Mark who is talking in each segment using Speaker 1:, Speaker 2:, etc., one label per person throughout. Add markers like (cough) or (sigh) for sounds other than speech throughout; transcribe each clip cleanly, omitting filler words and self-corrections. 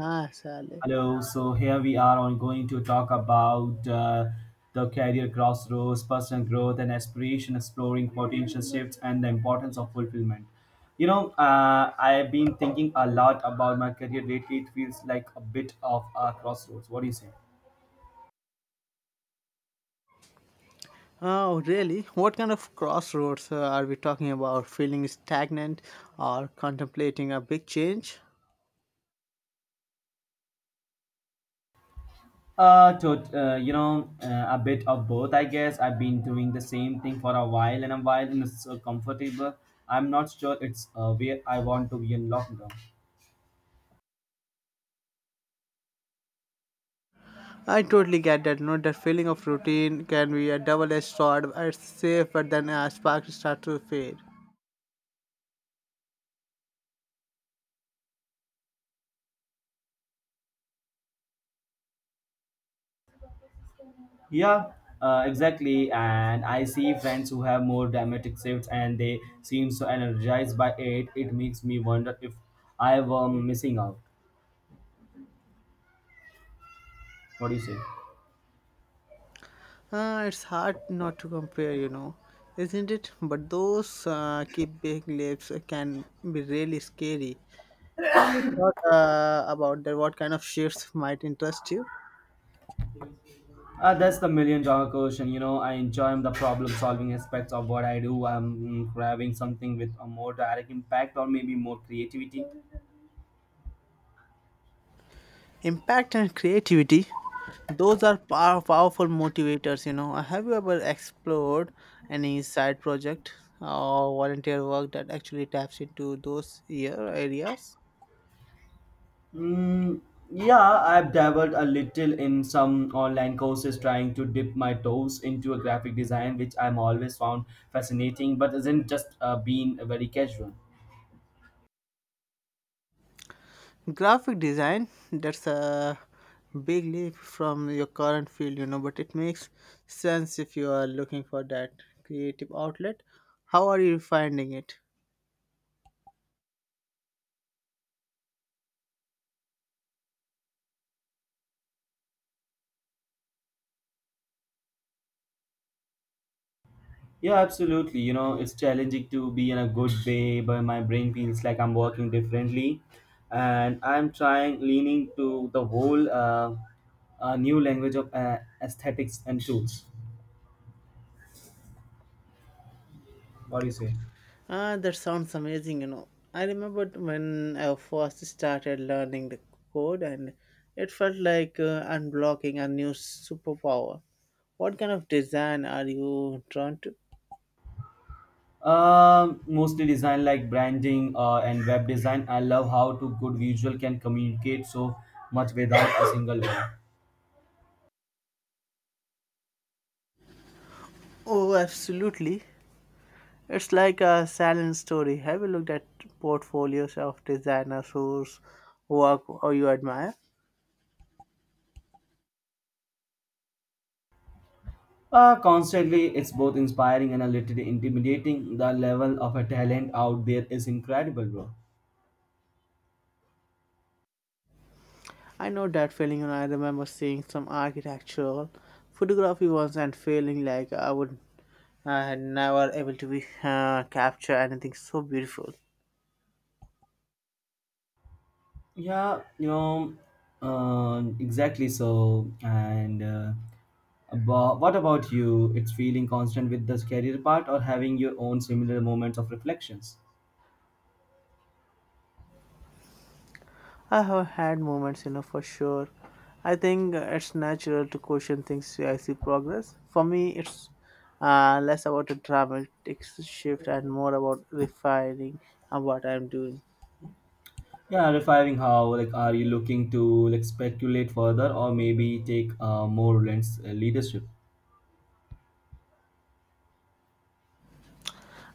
Speaker 1: Ah, Sally.
Speaker 2: Hello. So here we are on going to talk about the career crossroads, personal growth, and aspiration, exploring potential shifts, and the importance of fulfillment. You know, I've been thinking a lot about my career lately. It feels like a bit of a crossroads. What do you say?
Speaker 1: Oh, really? What kind of crossroads are we talking about? Feeling stagnant or contemplating a big change?
Speaker 2: A bit of both, I guess. I've been doing the same thing for a while, and it's so comfortable. I'm not sure it's where I want to be in long term.
Speaker 1: I totally get that. Note that feeling of routine can be a double-edged sword. It's safe, but then sparks start to fade.
Speaker 2: Yeah, exactly. And I see friends who have more dramatic shifts and they seem so energized by it. It makes me wonder if I were missing out. What do you say?
Speaker 1: It's hard not to compare, you know, isn't it? But those keep big lips can be really scary. Have you thought about that? What kind of shifts might interest you?
Speaker 2: That's the million dollar question. You know, I enjoy the problem solving aspects of what I do. I'm having something with a more direct impact or maybe more creativity.
Speaker 1: Impact and creativity, those are powerful motivators, you know. Have you ever explored any side project or volunteer work that actually taps into those ear areas?
Speaker 2: Mm, yeah, I've dabbled a little in some online courses trying to dip my toes into a graphic design, which I'm always found fascinating, but isn't just being very casual.
Speaker 1: Graphic design, that's a big leap from your current field, you know, but it makes sense if you are looking for that creative outlet. How are you finding it?
Speaker 2: Yeah, absolutely. You know, it's challenging to be in a good way, but my brain feels like I'm working differently, and I'm trying leaning to the whole new language of aesthetics and tools. What do you say?
Speaker 1: Ah, that sounds amazing, you know. I remembered when I first started learning the code and it felt like unblocking a new superpower. What kind of design are you drawn to?
Speaker 2: Mostly design like branding and web design. I love how to good visual can communicate so much without a single word.
Speaker 1: Oh, absolutely. It's like a silent story. Have you looked at portfolios of designers whose work or you admire?
Speaker 2: Constantly, it's both inspiring and a little intimidating. The level of a talent out there is incredible, bro.
Speaker 1: I know that feeling, and I remember seeing some architectural photography once and feeling like I had never able to be, capture anything so beautiful.
Speaker 2: Yeah, you know, exactly. What about you? It's feeling constant with this career part or having your own similar moments of reflections?
Speaker 1: I have had moments, you know, for sure. I think it's natural to question things I see progress. For me, it's less about a dramatic shift and more about refining on what I'm doing.
Speaker 2: Yeah, refining how like are you looking to like speculate further or maybe take a more lens leadership?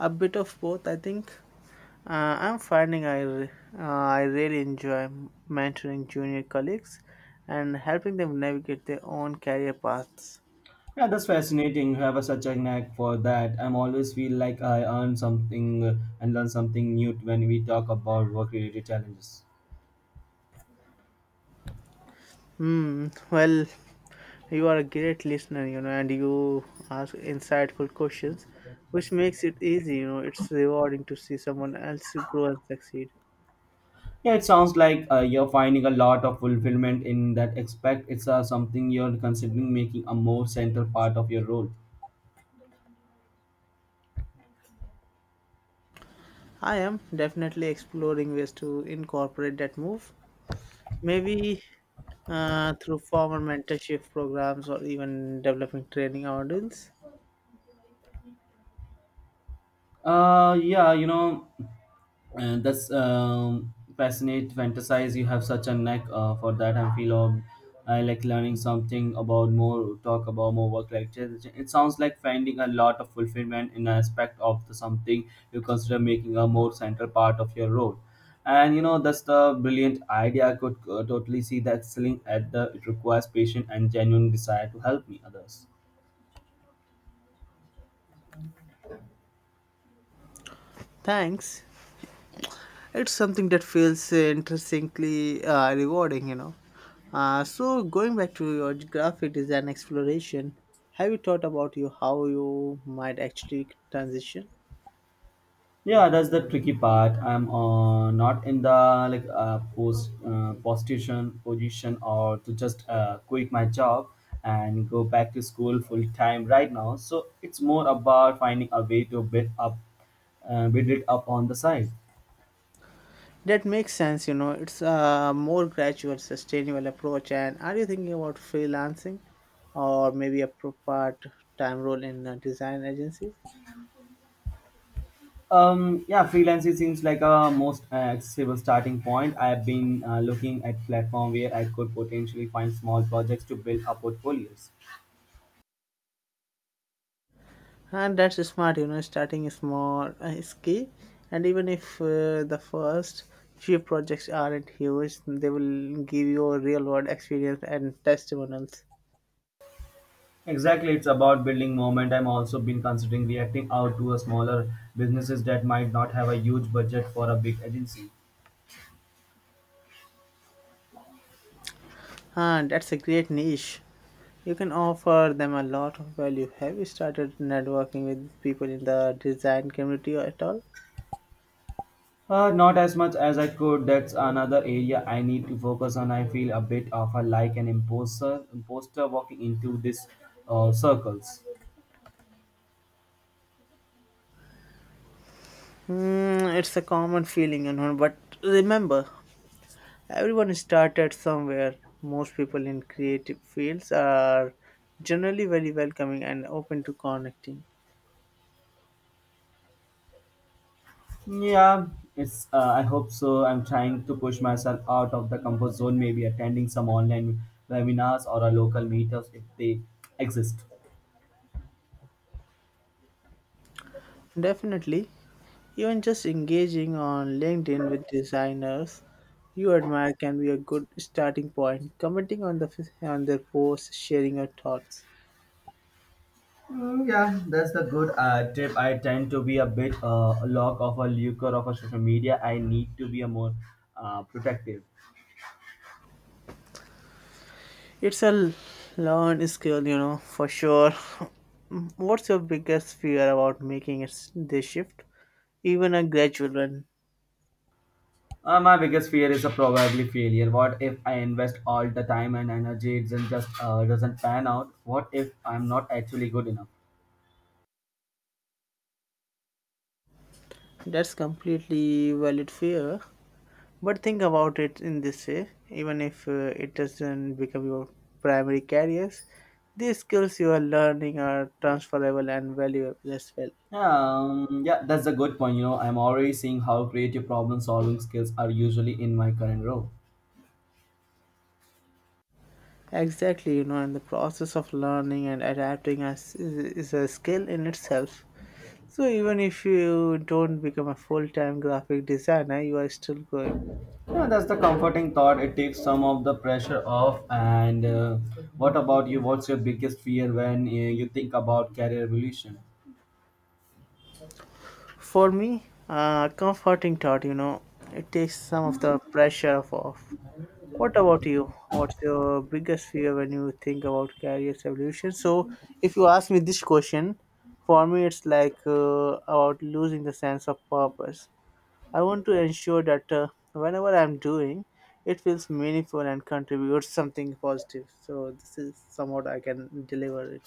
Speaker 1: A bit of both, I think. I'm finding I really enjoy mentoring junior colleagues and helping them navigate their own career paths.
Speaker 2: Yeah, that's fascinating. You have a, such a knack for that. I'm always feel like I earn something and learn something new when we talk about work-related challenges.
Speaker 1: Hmm. Well, you are a great listener, you know, and you ask insightful questions, which makes it easy. You know, it's rewarding to see someone else grow and succeed.
Speaker 2: Yeah, it sounds like you're finding a lot of fulfillment in that aspect. It's something you're considering making a more central part of your role.
Speaker 1: I am definitely exploring ways to incorporate that move. Maybe through formal mentorship programs or even developing training audience.
Speaker 2: Yeah, you know, and that's fascinate fantasize you have such a knack for that I feel of I like learning something about more talk about more work like it sounds like finding a lot of fulfillment in an aspect of the something you consider making a more central part of your role and you know that's the brilliant idea I could totally see that excelling at the it requires patience and genuine desire to help me others.
Speaker 1: Thanks. It's something that feels interestingly rewarding, you know. So going back to your graphic design exploration, have you thought about you how you might actually transition?
Speaker 2: Yeah, that's the tricky part. I'm not in the like post position or to just quit my job and go back to school full time right now. So it's more about finding a way to build up, build it up on the side.
Speaker 1: That makes sense, you know. It's a more gradual, sustainable approach. And are you thinking about freelancing, or maybe a part-time role in a design agency?
Speaker 2: Yeah, freelancing seems like a most accessible starting point. I've been looking at platform where I could potentially find small projects to build up portfolios.
Speaker 1: And that's smart, you know, starting small is key. And even if the first few projects aren't huge, they will give you a real world experience and testimonials.
Speaker 2: Exactly, it's about building moment. I'm also been considering reacting out to a smaller businesses that might not have a huge budget for a big agency.
Speaker 1: And that's a great niche. You can offer them a lot of value. Have you started networking with people in the design community at all?
Speaker 2: Not as much as I could. That's another area I need to focus on. I feel a bit of a like an imposter walking into this circles.
Speaker 1: Hmm, it's a common feeling, you know, but remember, everyone started somewhere. Most people in creative fields are generally very welcoming and open to connecting.
Speaker 2: Yeah, it's. I hope so. I'm trying to push myself out of the comfort zone. Maybe attending some online webinars or a local meetups if they exist.
Speaker 1: Definitely, even just engaging on LinkedIn with designers you admire can be a good starting point. Commenting on the on their posts, sharing your thoughts.
Speaker 2: Mm, yeah, that's the good tip. I tend to be a bit lock of a lurker of a social media. I need to be a more protective.
Speaker 1: It's a learned skill, you know, for sure. (laughs) What's your biggest fear about making it this shift, even a gradual one?
Speaker 2: My biggest fear is a probably failure. What if I invest all the time and energy it doesn't just doesn't pan out? What if I'm not actually good enough?
Speaker 1: That's completely valid fear. But think about it in this way, even if it doesn't become your primary careers, these skills you are learning are transferable and valuable as well.
Speaker 2: Yeah, that's a good point. You know, I'm already seeing how creative problem solving skills are usually in my current role.
Speaker 1: Exactly, you know, and the process of learning and adapting as is a skill in itself. So even if you don't become a full-time graphic designer, you are still going.
Speaker 2: Yeah, that's the comforting thought. It takes some of the pressure off. And what about you? What's your biggest fear when you think about career evolution?
Speaker 1: For me, comforting thought, you know, it takes some of the pressure off. What about you? What's your biggest fear when you think about careers evolution? So, if you ask me this question, for me it's like about losing the sense of purpose. I want to ensure that whenever I'm doing, it feels meaningful and contributes something positive. So, this is somewhat I can deliver it.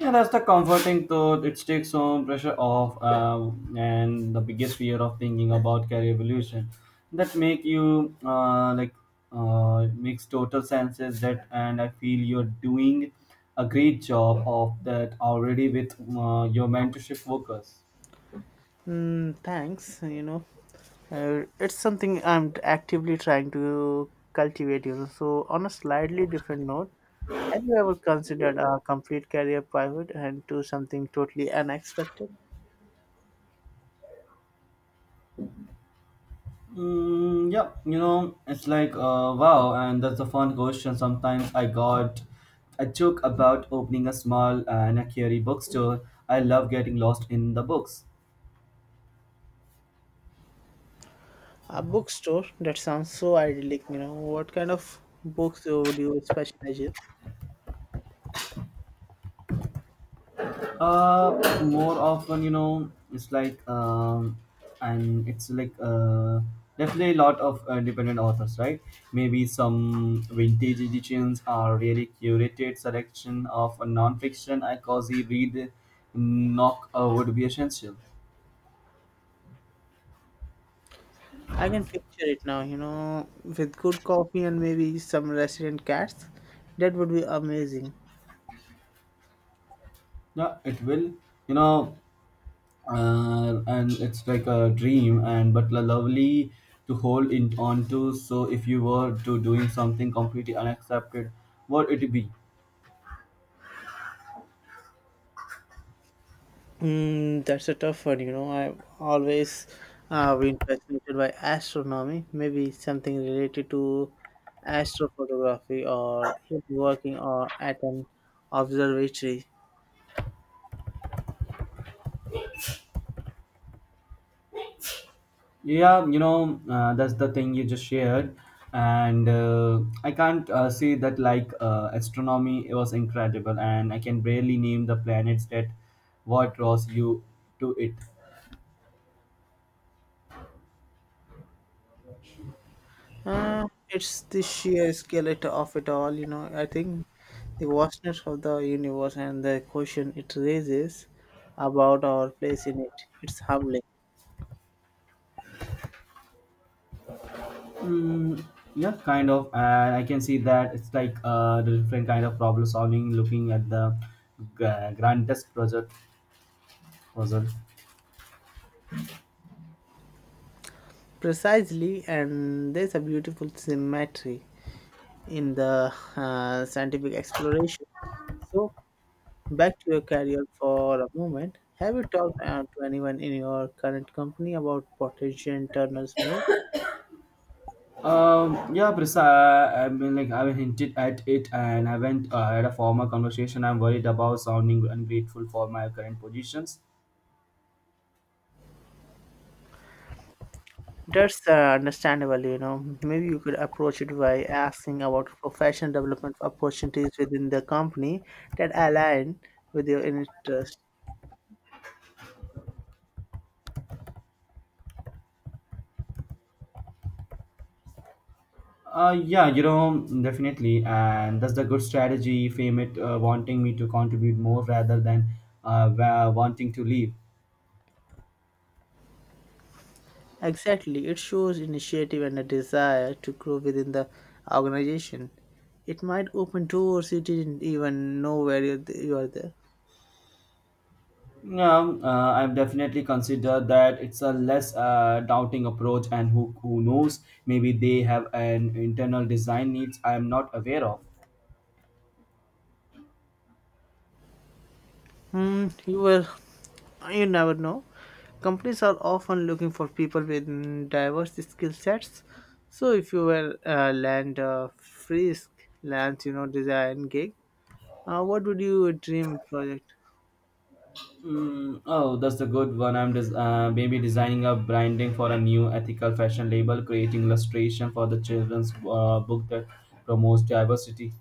Speaker 2: Yeah, that's the comforting thought. It takes some pressure off, and the biggest fear of thinking about career evolution that make you makes total sense. Is that and I feel you're doing a great job of that already with your mentorship focus.
Speaker 1: Mm, thanks. You know, it's something I'm t- actively trying to cultivate. You know, so on a slightly different note, have you ever considered a complete career pivot and do something totally unexpected?
Speaker 2: Mm, yeah, you know, it's like wow, and that's a fun question. Sometimes I got a joke about opening a small and a carry bookstore. I love getting lost in the books.
Speaker 1: A bookstore, that sounds so idyllic. You know, what kind of books would you specialize in?
Speaker 2: More often, you know, it's like and it's like definitely a lot of independent authors, right? Maybe some vintage editions are really curated selection of a non-fiction. I cozy read, knock would be essential.
Speaker 1: I can picture it now. You know, with good coffee and maybe some resident cats, that would be amazing.
Speaker 2: No, it will. You know, and it's like a dream, and but lovely to hold in on to. So if you were to doing something completely unaccepted, what it be?
Speaker 1: Mm, that's a tough one. You know, I've always been fascinated by astronomy, maybe something related to astrophotography or even working or at an observatory.
Speaker 2: Yeah, you know, that's the thing you just shared, and I can't say that like astronomy it was incredible, and I can barely name the planets that what draws you to it.
Speaker 1: It's the sheer of it all, you know. I think the vastness of the universe and the question it raises about our place in it. It's humbling.
Speaker 2: Mm, yeah, kind of. And I can see that it's like the different kind of problem solving, looking at the grandest project puzzle.
Speaker 1: Precisely, and there's a beautiful symmetry in the scientific exploration. So, back to your career for a moment. Have you talked to anyone in your current company about potential internals move?
Speaker 2: Yeah, Prisa, I mean, like I've hinted at it, and I haven't had a formal conversation. I'm worried about sounding ungrateful for my current positions.
Speaker 1: That's understandable, you know. Maybe you could approach it by asking about professional development opportunities within the company that align with your interest.
Speaker 2: Yeah, you know, definitely, and that's the good strategy. Fame it wanting me to contribute more rather than wanting to leave.
Speaker 1: Exactly, it shows initiative and a desire to grow within the organization. It might open doors you didn't even know where you are there.
Speaker 2: Yeah, I've definitely considered that it's a less doubting approach, and who knows, maybe they have an internal design needs I am not aware of.
Speaker 1: Hmm, you will, you never know. Companies are often looking for people with mm, diverse skill sets. So if you were land a freelance, you know, design gig, what would you dream project?
Speaker 2: Mm, oh, that's a good one. Maybe designing a branding for a new ethical fashion label, creating illustration for the children's book that promotes diversity.